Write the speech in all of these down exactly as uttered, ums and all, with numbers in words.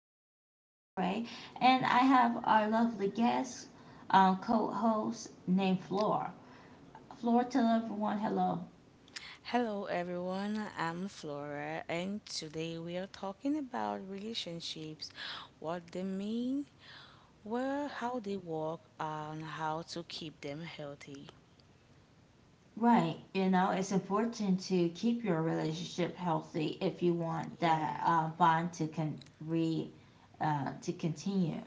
always, Desiree. And I have our lovely guest, um, co host named Flor. Flor, tell everyone hello. Hello everyone, I'm Flora and today we are talking about relationships, what they mean, where how they work and how to keep them healthy. Right. You know, it's important to keep your relationship healthy if you want Yeah, that uh, bond to con- re, uh, to continue.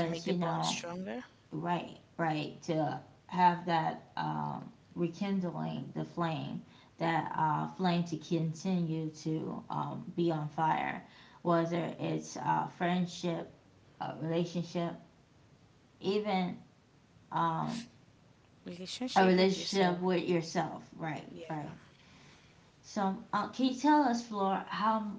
to make the you bond know, stronger, right, right, to have that um, rekindling the flame, that uh, flame to continue to um, be on fire, whether it's uh, friendship, a relationship, even, um, a relationship with relationship yourself. with yourself. Right, Yeah. right, so uh, can you tell us, Flor, how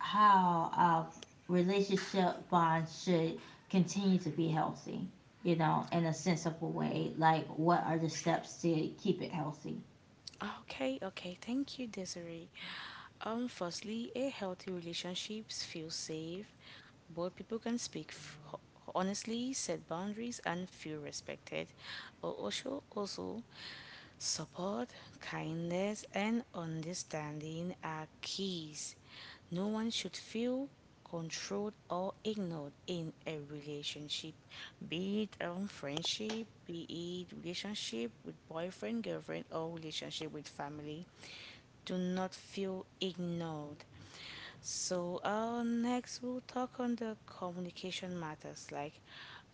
how uh, relationship bonds should continue to be healthy, you know, in a sensible way. Like, what are the steps to keep it healthy? Okay, okay. Thank you, Desiree. Um, firstly, a healthy relationships feel safe. Both people can speak f- ho- honestly, set boundaries, and feel respected. Al- Also, also, support, kindness, and understanding are keys. No one should feel controlled or ignored in a relationship, be it um, friendship, be it relationship with boyfriend, girlfriend, or relationship with family. Do not feel ignored. So uh, next we'll talk on the communication matters, like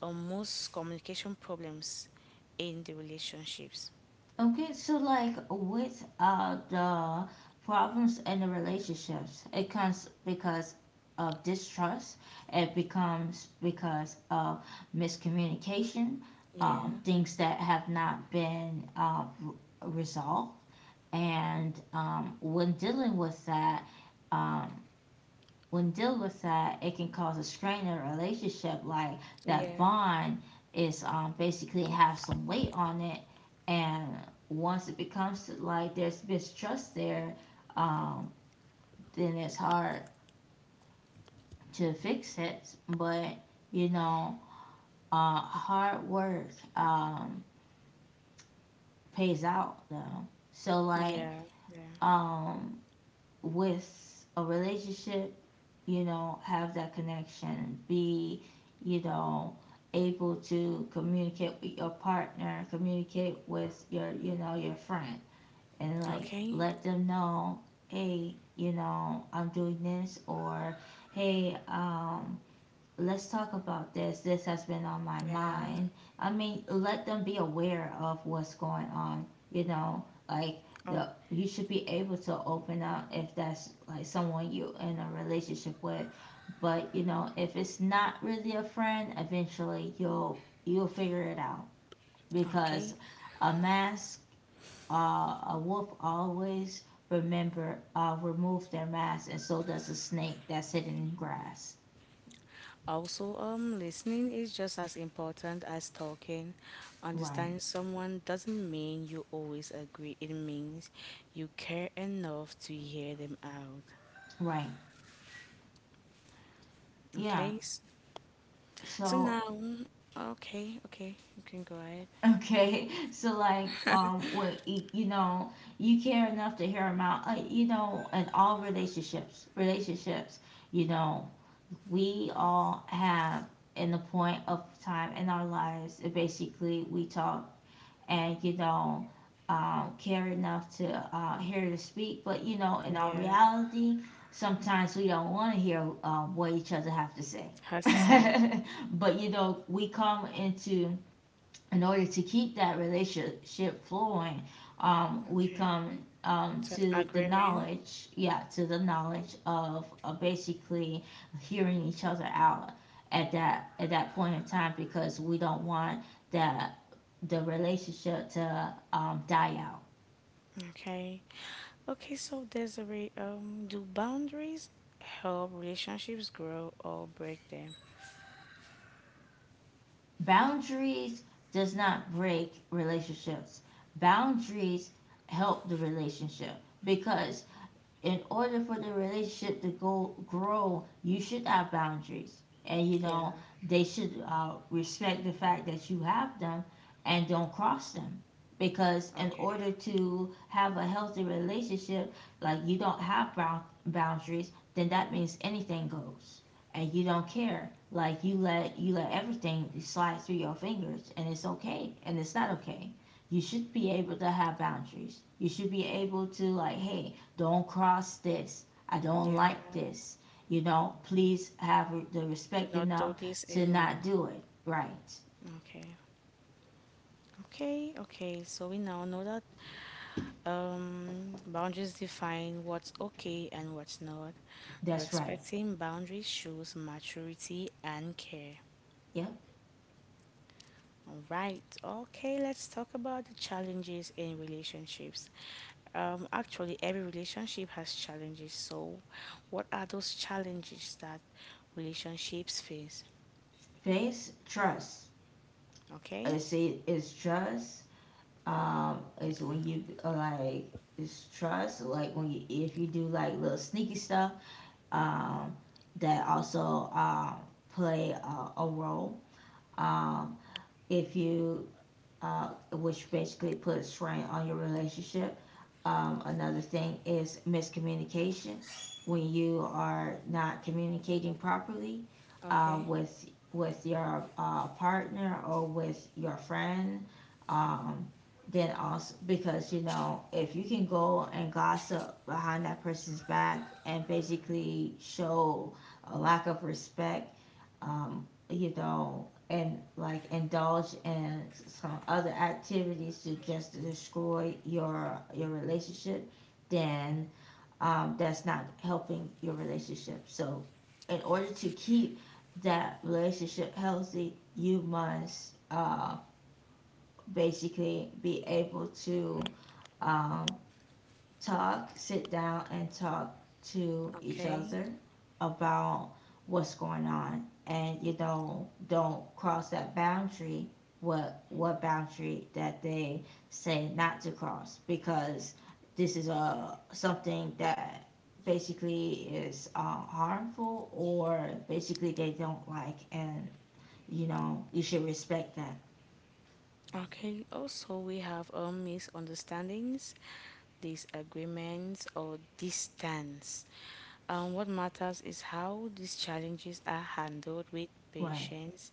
uh, most communication problems in the relationships. Okay, so like with uh, the problems in the relationships, it comes because of distrust, it becomes because of miscommunication, um, Yeah, things that have not been uh, r- resolved. And um, when dealing with that, um, when dealing with that, it can cause a strain in a relationship. Like that yeah, bond is um, basically have some weight on it, and once it becomes to, like there's mistrust there, um, then it's hard to fix it. But you know, uh, hard work um, pays out though. So like, yeah, yeah. um, with a relationship, you know, have that connection, be, you know, able to communicate with your partner, communicate with your, you know, your friend, and like Okay, let them know, hey, you know, I'm doing this, or hey, um, let's talk about this. This has been on my yeah. mind. I mean, let them be aware of what's going on, you know, like o- the you should be able to open up if that's like someone you in a relationship with. But, you know, if it's not really a friend, eventually you'll you'll figure it out, okay. because a mask, uh, a wolf always remember uh, remove their mask, and so does a snake that's hidden in grass. Also, um, listening is just as important as talking. Right. Understanding someone doesn't mean you always agree, it means you care enough to hear them out. Right. Yeah. Okay, s- so So now, okay, okay, you can go ahead. okay, so like um, what y- you know, you care enough to hear them out. Uh, you know, in all relationships, relationships, you know, we all have in the point of time in our lives. uh, Basically, we talk, and you know. Um, care enough to uh, hear to speak, but you know, in all Yeah, reality, sometimes we don't want to hear um, what each other have to say. has to say. But you know, we come into, in order to keep that relationship flowing, um, we Okay, come um, so to the agreement. knowledge, yeah, to the knowledge of uh, basically hearing each other out at that at that point in time, because we don't want that the relationship to um, die out. Okay, okay, so Desiree, um, do boundaries help relationships grow or break them? Boundaries does not break relationships. Boundaries help the relationship, because in order for the relationship to go grow, you should have boundaries, and you Yeah, know they should uh, respect the fact that you have them and don't cross them. Because in okay, order to have a healthy relationship, like you don't have brou- boundaries, then that means anything goes, and you don't care. Like you let you let everything slide through your fingers, and it's okay, and it's not okay. You should be able to have boundaries. You should be able to like, hey, don't cross this. I don't like yeah. this. You know, please have the Do respect not enough do this to not anymore. do it. Right. Okay. Okay, okay. So we now know that um, boundaries define what's okay and what's not. That's right. Respecting boundaries shows maturity and care. Yep. All right. Okay, let's talk about the challenges in relationships. Um, actually, every relationship has challenges. So, what are those challenges that relationships face? Face trust. Okay. It's it's trust. Um, it's when you uh, like, it's trust. Like when you, if you do like little sneaky stuff. Um, that also um play a, a role. Um, if you uh, which basically puts strain on your relationship. Um, another thing is miscommunication. When you are not communicating properly uh, Okay. with with your uh, partner or with your friend, um, then also because you know, if you can go and gossip behind that person's back and basically show a lack of respect, um, you know, and like indulge in some other activities to just to destroy your your relationship, then um, that's not helping your relationship. So, in order to keep that relationship healthy, you must uh, basically be able to um, talk, sit down, and talk to each Okay. other about what's going on, and you know, don't cross that boundary. What what boundary that they say not to cross, because this is a something that basically is uh, harmful, or basically they don't like, and you know you should respect that. Okay, also we have um, misunderstandings, disagreements, or distance. Um, what matters is how these challenges are handled with Right, patience,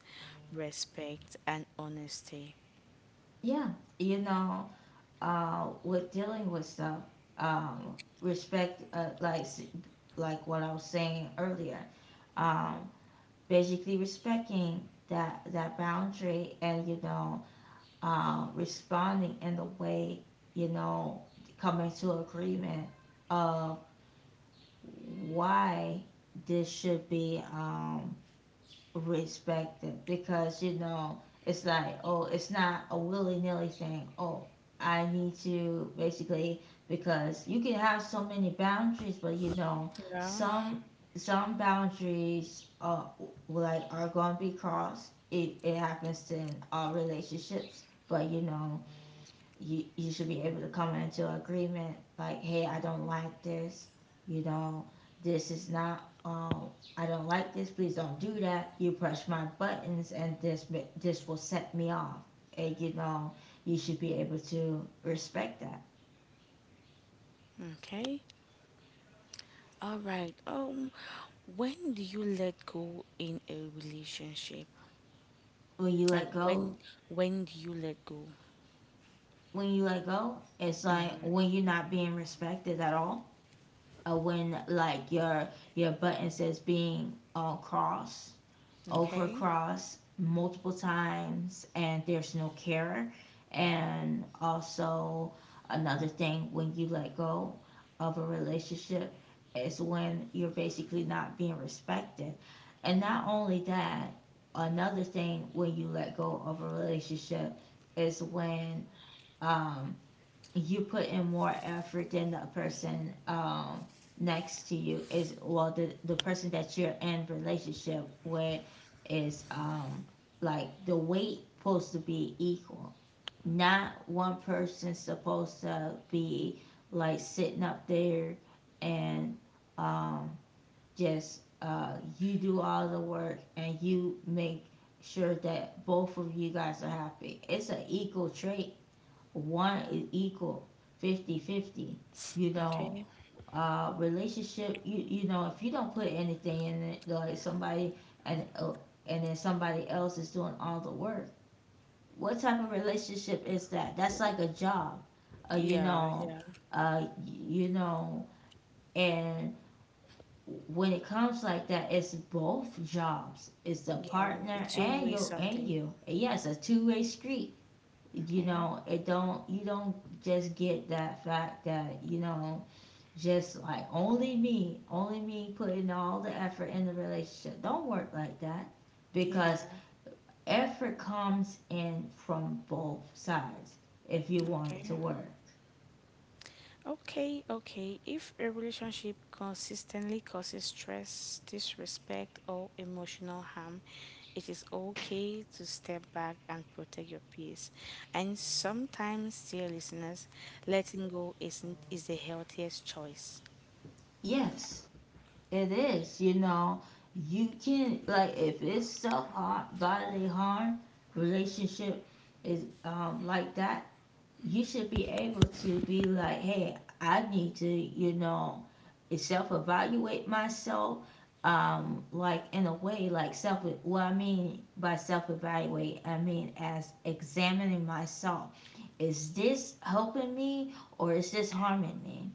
respect, and honesty. yeah, you know, uh, with dealing with stuff, um, respect, uh, like s- like what I was saying earlier, um, basically respecting that that boundary, and you know, uh, responding in the way, you know, coming to agreement of why this should be um, respected, because you know, it's like, oh, it's not a willy-nilly thing. Oh, I need to basically, because you can have so many boundaries, but you know, Yeah, some some boundaries uh like are going to be crossed. It, it happens in all relationships, but you know, you you should be able to come into agreement, like, hey, I don't like this, you know, this is not um I don't like this, please don't do that. You press my buttons, and this this will set me off, and you know, you should be able to respect that. okay. All right. Um, when do you let go in a relationship? When you let Like go, when when do you let go? when you let go, it's like when you're not being respected at all, or when like your your buttons is being uh, crossed. Over Okay. overcross multiple times, and there's no care. And also, another thing when you let go of a relationship is when you're basically not being respected. And not only that, another thing when you let go of a relationship is when um, you put in more effort than the person, um, next to you, is well, the, the person that you're in relationship with is, um like the weight supposed to be equal, not one person supposed to be like sitting up there, and um just uh you do all the work, and you make sure that both of you guys are happy. It's an equal trade, one is equal, fifty fifty. You know, Okay. uh relationship, you you know, if you don't put anything in it like somebody, and uh, and then somebody else is doing all the work, what type of relationship is that? That's like a job, uh, you Yeah, know. yeah, uh you know, and when it comes like that, it's both jobs, it's the yeah. partner It's two and way you, and something. you, yes, yeah, a two-way street. You Okay. know, it don't, you don't just get that fact that you know, just like, only me, only me putting all the effort in the relationship don't work like that, Yeah, because effort comes in from both sides if you want it to okay. work. Okay, okay. If a relationship consistently causes stress, disrespect, or emotional harm, it is okay to step back and protect your peace. And sometimes, dear listeners, letting go isn't is the healthiest choice. Yes, it is, you know. You can like, if it's self harm, bodily harm, relationship is um, like that, you should be able to be like, hey, I need to, you know, self evaluate myself. Um, like in a way, like self. What I mean by self evaluate, I mean as examining myself. Is this helping me, or is this harming me?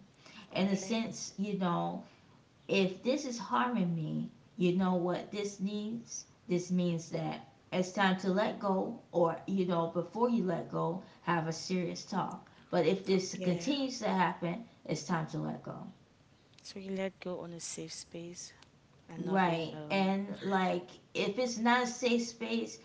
In a Okay? sense, you know, if this is harming me, you know what this needs? This means that it's time to let go, or, you know, before you let go, have a serious talk. But if this Yeah. continues to happen, it's time to let go. So you let go on a safe space and not in Right. um And like, if it's not a safe space,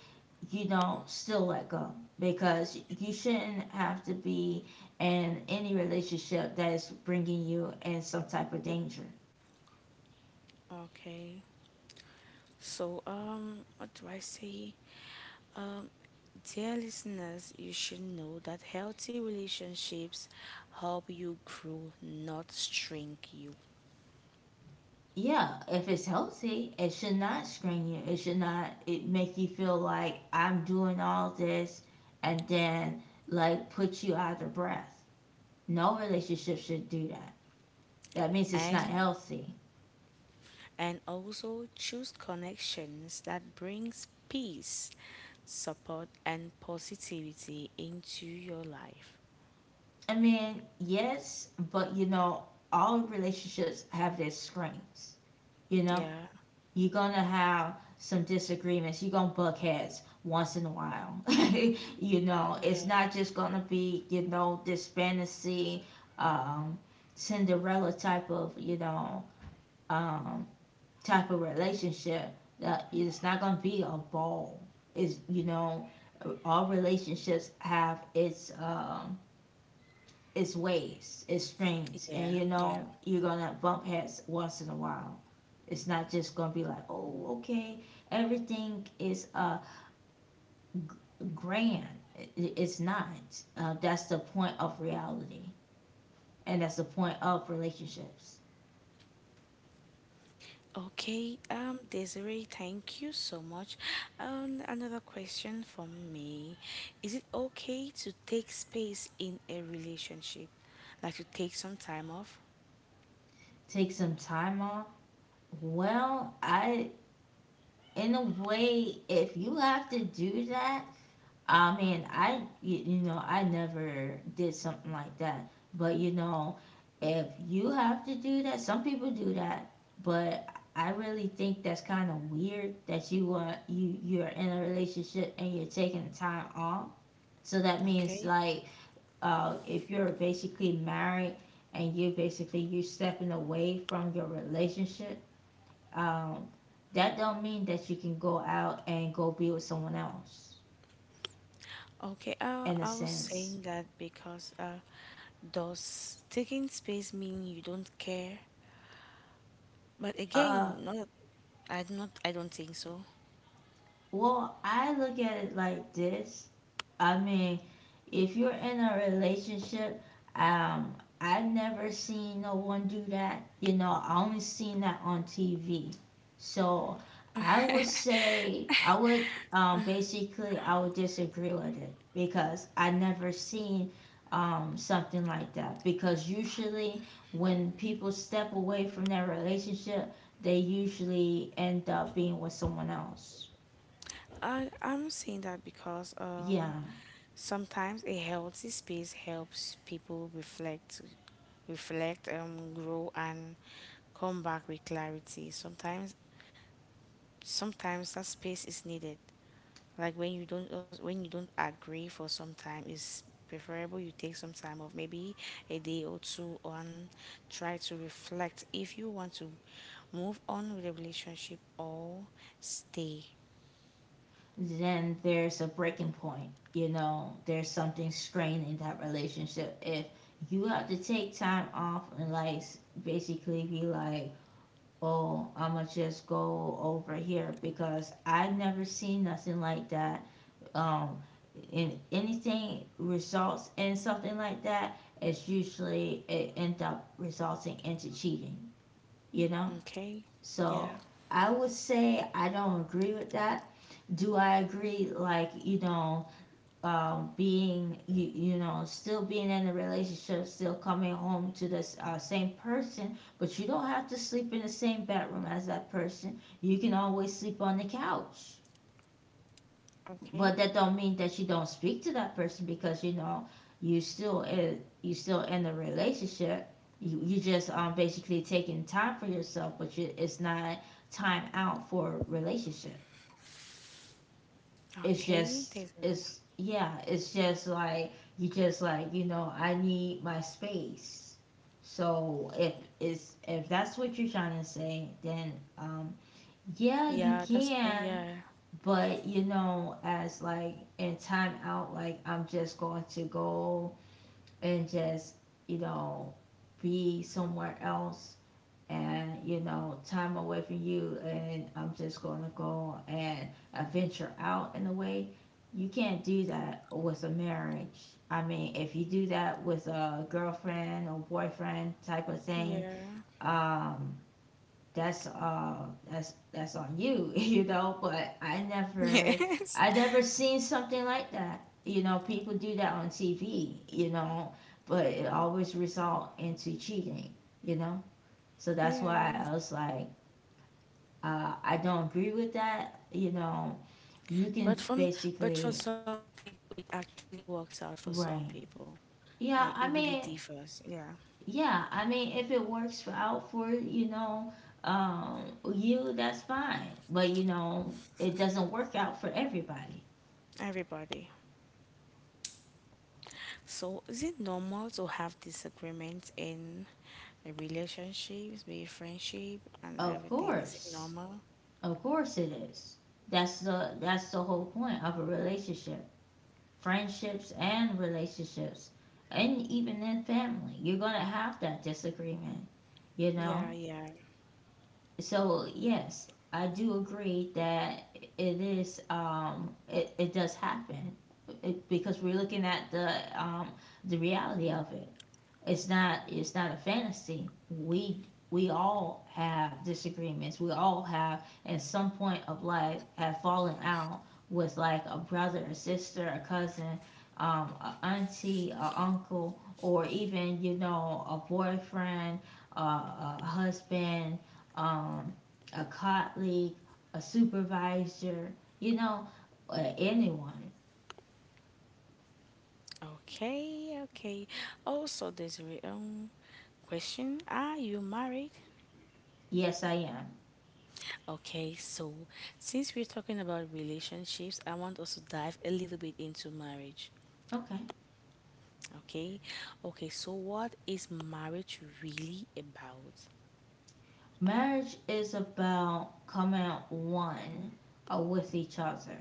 you know, still let go, because you shouldn't have to be in any relationship that is bringing you in some type of danger. okay. So um what do I say? Um, Dear listeners, you should know that healthy relationships help you grow, not shrink you. Yeah, if it's healthy, it should not strain you. It should not, it make you feel like I'm doing all this, and then like put you out of breath. No relationship should do that. That means it's not And healthy. and also choose connections that brings peace, support and positivity into your life. I mean, yes, but you know, all relationships have their strengths. You know, Yeah, you're gonna have some disagreements. You're gonna buck heads once in a while. You know, yeah, it's not just gonna be, you know, this fantasy, um, Cinderella type of, you know, um, type of relationship. That it's not gonna be a ball. Is, you know, all relationships have its um, it's waves, it's streams, and yeah, you yeah. know you're gonna bump heads once in a while. It's not just gonna be like, oh, okay, everything is uh grand. It's not. Uh, that's the point of reality, and that's the point of relationships. Okay, um, Desiree, thank you so much. Um, another question from me. Is it okay to take space in a relationship? Like to take some time off? Take some time off. Well, I, in a way, if you have to do that, I mean, I y- you know, I never did something like that. But you know, if you have to do that, some people do that. But I really think that's kind of weird that you want you you're in a relationship and you're taking time off. So that means Okay. like uh, if you're basically married and you basically you're stepping away from your relationship, um, that don't mean that you can go out and go be with someone else Okay, uh, in a I was sense. saying that because uh, does taking space mean you don't care? But Uh, again, not I not I don't think so. Well, I look at it like this. I mean, if you're in a relationship, um, I've never seen no one do that. You know, I only seen that on T V. So I would say I would um, basically I would disagree with it because I never seen um, something like that. Because usually when people step away from their relationship, they usually end up being with someone else. I I'm saying that because um Yeah. sometimes a healthy space helps people reflect, reflect, um, grow, and come back with clarity. Sometimes, sometimes that space is needed. Like when you don't, uh, when you don't agree for some time, it's preferable you take some time off, maybe a day or two, and try to reflect if you want to move on with the relationship or stay. Then there's a breaking point. You know, there's something straining that relationship. If you have to take time off and like basically be like, oh, I'ma just go over here because I have never seen nothing like that. Um, in anything results in something like that, it's usually it end up resulting into cheating. You know. Okay. Yeah. So I would say I don't agree with that. Do I agree, like, you know, um, being, you, you know, still being in a relationship, still coming home to the uh, same person, but you don't have to sleep in the same bedroom as that person. You can always sleep on the couch, Okay. but that don't mean that you don't speak to that person because you know you still in, you still in a relationship. You you just um basically taking time for yourself, but you, it's not time out for a relationship. It's Okay. There's a just it's yeah, it's just like you just like you know I need my space. So if it's if that's what you're trying to say, then um yeah, yeah, you that's uh, can, yeah. but you know, as like in time out, like I'm just going to go and just, you know, be somewhere else, and you know time away from you, and I'm just going to go and uh, venture out in a way. You can't do that with a marriage. I mean, if you do that with a girlfriend or boyfriend type of thing, Yeah. um that's uh that's that's on you. You know, but i never Yes. i never seen something like that. You know, people do that on TV, you know, but it always result into cheating, you know. So that's why Yeah. I was like, uh, I don't agree with that. You know, you can But from but for basically. some people it actually works out for some Right. people. Like it Yeah, really I mean, differs. Yeah. yeah, I mean, if it works for, out for you know, um, you, that's fine. But you know, it doesn't work out for everybody. Everybody. So is it normal to have disagreements in relationships, be friendship and Of everything? Is it course, normal? of course it is. That's the that's the whole point of a relationship, friendships and relationships, and even in family, you're gonna have that disagreement. You Yeah, know, yeah. so yes, I do agree that it is um it, it does happen. It, because we're looking at the um the reality of it. It's not it's not a fantasy. We we all have disagreements. We all have at some point of life have fallen out with like a brother, a sister, a cousin, um, a auntie, a uncle, or even you know a boyfriend, uh, a husband, um, a colleague, a supervisor. You know, uh, anyone. Okay, okay. Also there's a re- um question. Are you married? Yes, I am. Okay, so since we're talking about relationships, I want us to dive a little bit into marriage. Okay. Okay, okay, so what is marriage really about? Marriage is about coming out one uh, with each other.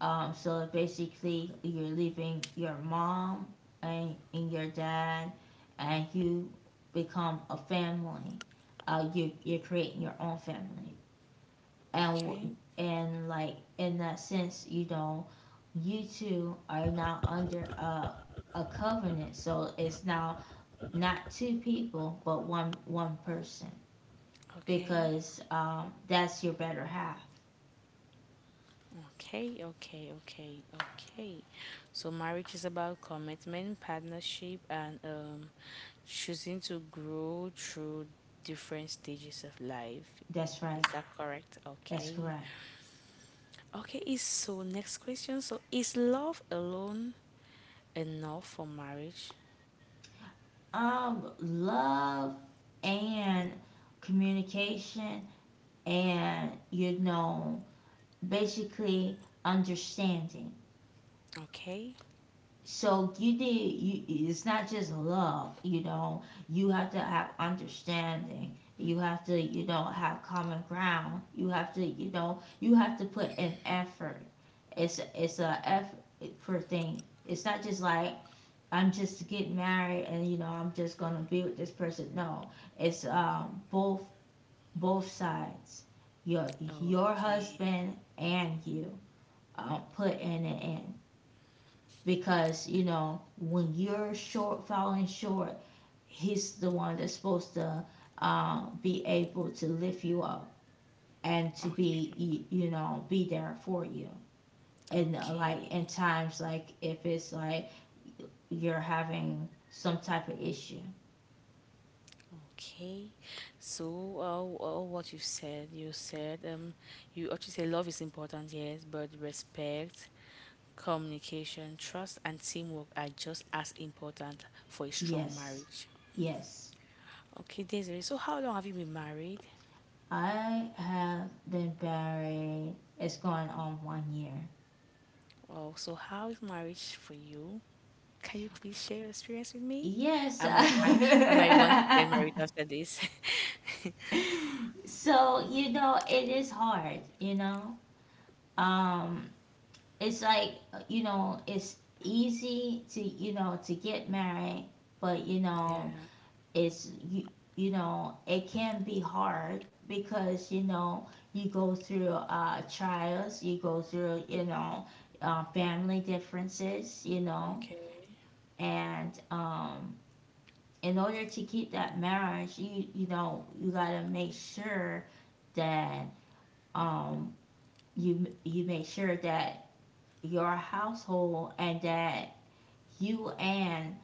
Um, so basically, you're leaving your mom and, and your dad, and you become a family. Uh, you you're creating your own family, and Okay, and like in that sense, you know, you two are now under a a covenant. So it's now not two people, but one one person okay, because um, that's your better half. okay, okay, okay, okay. So, marriage is about commitment, partnership, and um, choosing to grow through different stages of life. That's Is right. that correct? That's Okay. correct. Okay, is so next question. So, is love alone enough for marriage. Um, love and communication and you know basically understanding. Okay. So you need you, it's not just love. You know you have to have understanding. You have to you know have common ground. You have to you know you have to put in effort. It's it's a effort thing. It's not just like I'm just getting married and you know I'm just gonna be with this person. No, it's um, both both sides. Your your Okay. husband and you um, put in an end because you know when you're short falling short, he's the one that's supposed to um, be able to lift you up and to be Okay. y- you know be there for you. And uh, like in Okay. times like if it's like you're having some type of issue. Okay. So, uh, uh, what you said, you said, um, you actually say love is important, yes, but respect, communication, trust, and teamwork are just as important for a strong Yes, marriage. yes. Okay, Desiree. So, how long have you been married? I have been married. It's going on one year. Oh, so how is marriage for you? Can you please share your experience with me? Yes. I might, I, I might want to get married after this. So, you know, it is hard, you know. Um it's like, you know, it's easy to, you know, to get married, but you know, Yeah. it's you, you know it can be hard because you know you go through uh, trials, you go through you know uh, family differences, you know, Okay. and um, in order to keep that marriage, you you know you got to make sure that um, you you make sure that your household and that you and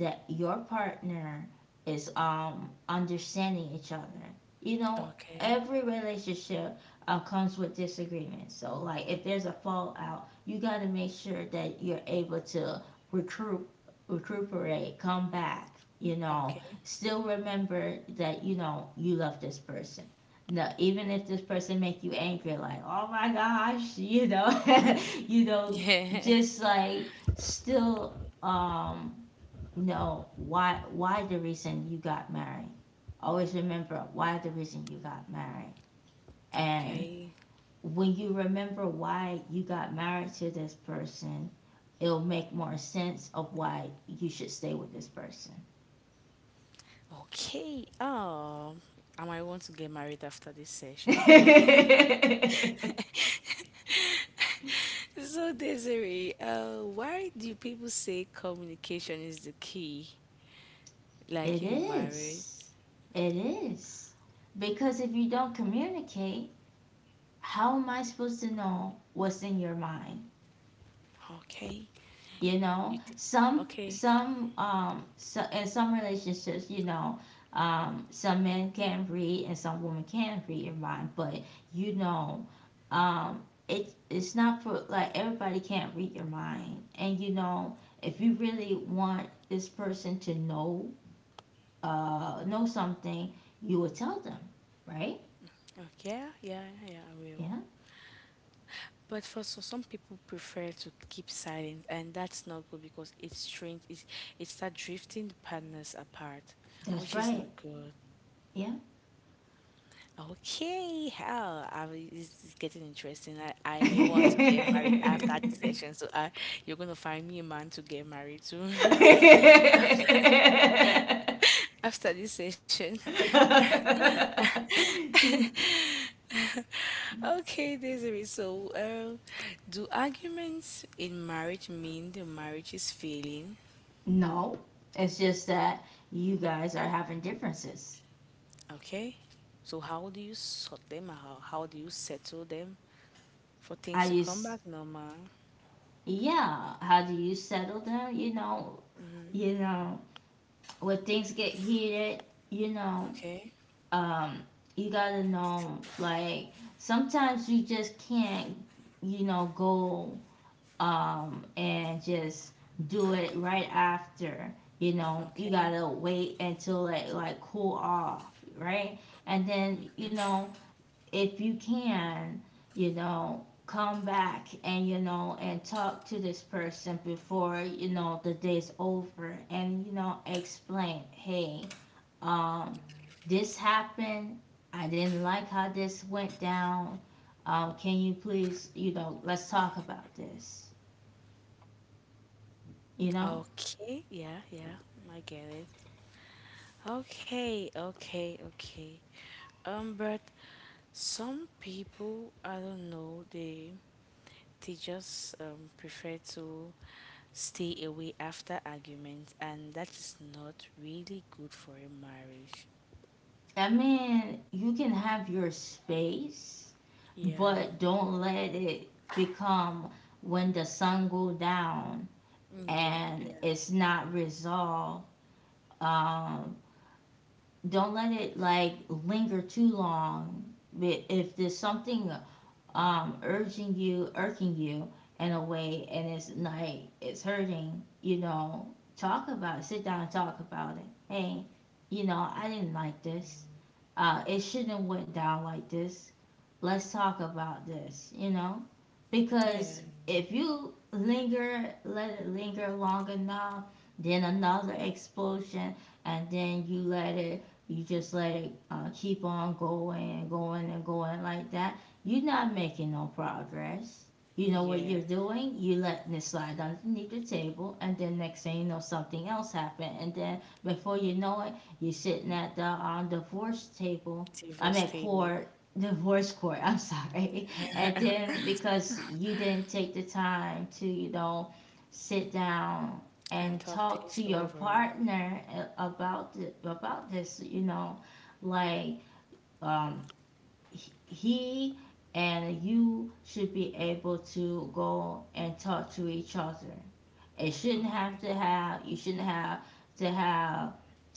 the, your partner is um understanding each other. You know, Okay. every relationship uh, comes with disagreements. So like if there's a fallout, you got to make sure that you're able to recruit recuperate, come back, you know, Okay. still remember that you know you love this person. No, even if this person make you angry, like oh my gosh, you know, you know, Yeah. just like still um no, why why the reason you got married, always remember why the reason you got married, and Okay. when you remember why you got married to this person, it'll make more sense of why you should stay with this person. Okay. Oh, I might want to get married after this session. Oh. it So, Desiree, uh, why do people say communication is the key, like in marriage? is it is because if you don't communicate, how am I supposed to know what's in your mind? Okay. You You know, t- some okay. some um so in some relationships, you know, um some men can read and some women can read your mind, but you know, um it, it's not for like everybody can't read your mind, and you know, if you really want this person to know uh know something, you would tell them. Right. Okay. Yeah, yeah, yeah, I will. Yeah. But for so some people prefer to keep silent, and that's not good because it strains it it start drifting the partners apart, That's which is not right. good. Yeah. Okay, how I will- this is getting interesting. I, I may want to get married after this session, so I, you're gonna find me a man to get married to after this session. Okay, Desiree. So, um, do arguments in marriage mean the marriage is failing? No, it's just that you guys are having differences. Okay, so how do you sort them out? How do you settle them for things I to come just, back normal? yeah. How do you settle them? You know, you know, when things get heated, you know, Okay, um, you gotta know, like, sometimes you just can't, you know, go um, and just do it right after. You know, you okay. gotta wait until it like cool off, right? And then you know, if you can, you know, come back and you know and talk to this person before you know the day's over, and you know explain, hey, um, this happened. I didn't like how this went down. Um, can you please, you know, let's talk about this, you know? Okay, yeah, yeah, I get it. Okay, okay, okay. Um, but some people, I don't know, they they just um, prefer to stay away after arguments, and that is not really good for a marriage. I mean, you can have your space, Yeah, but don't let it become when the sun go down yeah, and yeah, it's not resolved. Um, don't let it like linger too long. But if there's something um, urging you, irking you in a way, and it's like it's hurting, you know, talk about it. Sit down and talk about it. Hey, you know, I didn't like this. Uh, it shouldn't have went down like this. Let's talk about this, you know, because yeah, if you linger, let it linger long enough, then another explosion, and then you let it, you just let it uh, keep on going and going and going like that, you're not making no progress. You know what you're yeah. doing? You letting it slide underneath the table, and then next thing you know, something else happened, and then before you know it, you're sitting at the um, divorce table. I Divorce mean, table court, divorce court. I'm sorry. And then because you didn't take the time to, you know, sit down and and talk talk to things your over. partner, eh, about the, about this, you know, like um, he- and you should be able to go and talk to each other. It shouldn't Okay. have to have you shouldn't have to have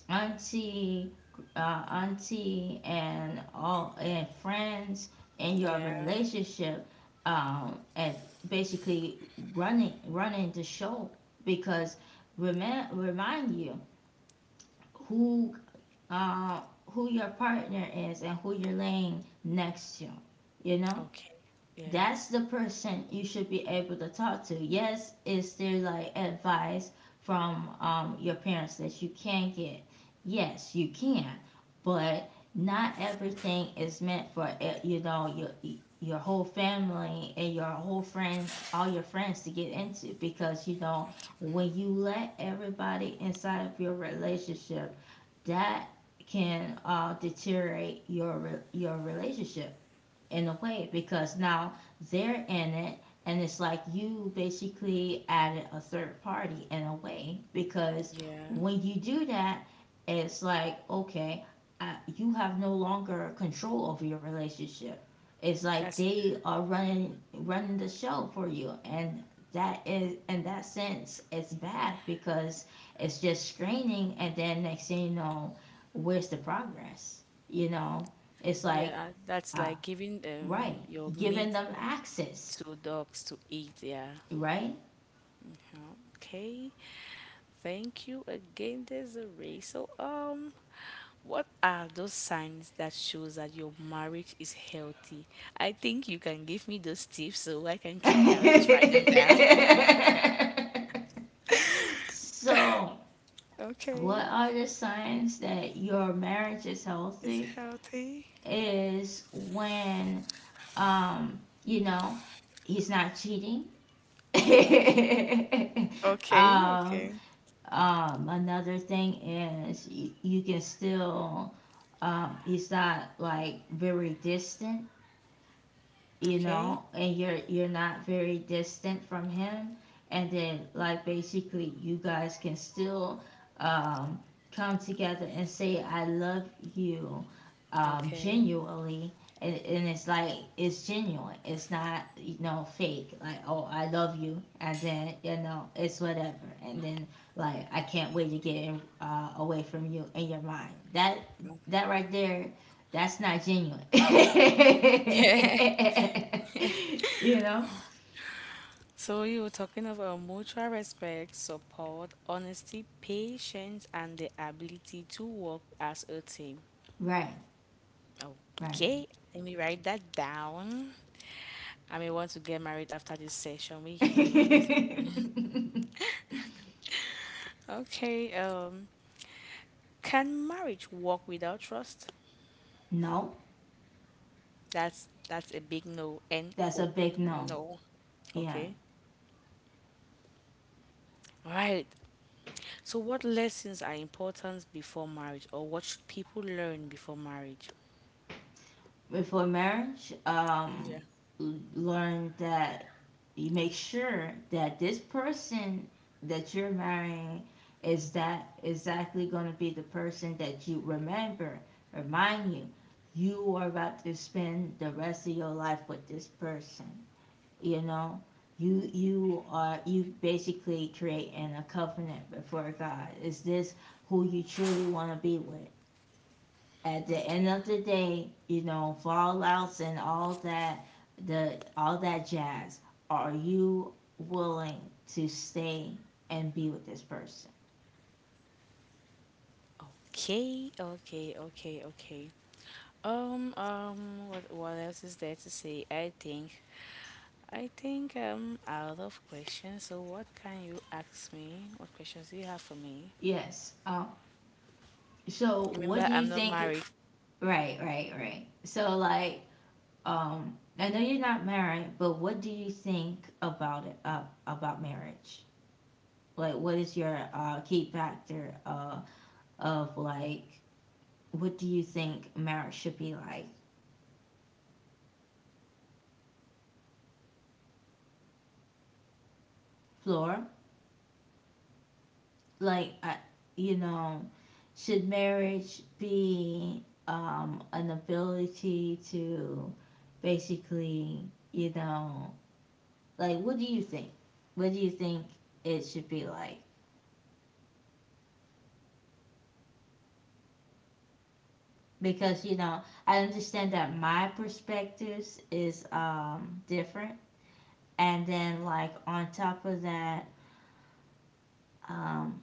auntie, uh, auntie and all and friends in your Yeah. relationship, um, at basically running running the show, because remind remind you who, uh, who your partner is and who you're laying next to, you know. Okay. Yeah. That's the person you should be able to talk to. Yes, is there like advice from um, your parents that you can get? Yes, you can, but not everything is meant for eh, you know your your whole family and your whole friends, all your friends to get into because you know Okay. when you let everybody inside of your relationship, that can uh, deteriorate your your relationship in a way, because now they're in it, and it's like you basically added a third party in a way, because Yeah. when you do that, it's like okay, I, you have no longer control over your relationship. It's like That's they are running running the show for you, and that is, in that sense, it's bad because it's just straining. And then next thing you know, where's the progress, you know? It's like yeah. That's uh, like giving um right. your Giving meat them access, to dogs to eat. Yeah. right? Okay, thank you again, Desiree. So, um, what are those signs that shows that your marriage is healthy? I think you can give me those tips so I can keep them. I'll just write them down. So, Okay. what are the signs that your marriage is It's healthy? healthy. Is when, um, you know, he's not cheating. Okay, um, okay. Um, another thing is you, you can still, um, he's not like very distant, you Okay, know, and you're you're not very distant from him, and then like basically you guys can still um come together and say I love you um okay. genuinely. And, and it's like it's genuine, it's not you know fake, like oh I love you, and then you know it's whatever, and then like I can't wait to get uh, away from you in your mind, that that right there, that's not genuine. Yeah. You know? So you were talking about mutual respect, support, honesty, patience, and the ability to work as a team. Right, right. Okay, let me write that down. I may want to get married after this session with you, Desiree. Okay, um, can marriage work without trust? No, That's that's a big no. N that's a O. big no. No. Yeah. Okay. All right. So what lessons are important before marriage or what should people learn before marriage? Before marriage, um, Yeah. learn that you make sure that this person that you're marrying is that exactly going to be the person that you remember, remind you, you are about to spend the rest of your life with this person. You know, you you are you basically creating a covenant before God. Is this who you truly want to be with at the end Okay. of the day, you know, fallouts and all that, the all that jazz, are you willing to stay and be with this person? Okay, okay, okay, okay. Um, um, what what else is there to say? I think I think I'm out of questions. So what can you ask me? What questions do you have for me? Yes. Um so what Remember, do you I'm not think? married, so I can't give Right, you right, marriage right. So tips. You're the like, only person that can give me um marriage I know tips. you're not married, but what do you think about it, uh, about marriage? Like, what Blood is of your uh, key factor, uh, blood of of Jesus. like, what do you think marriage should be like, Flora? Like, What's I, happening? you know, should marriage be um, an ability to basically, you know, like, what do you think what do you think it should be like? Because you know, I understand that my perspectives is um, different. And then like on top of that, um,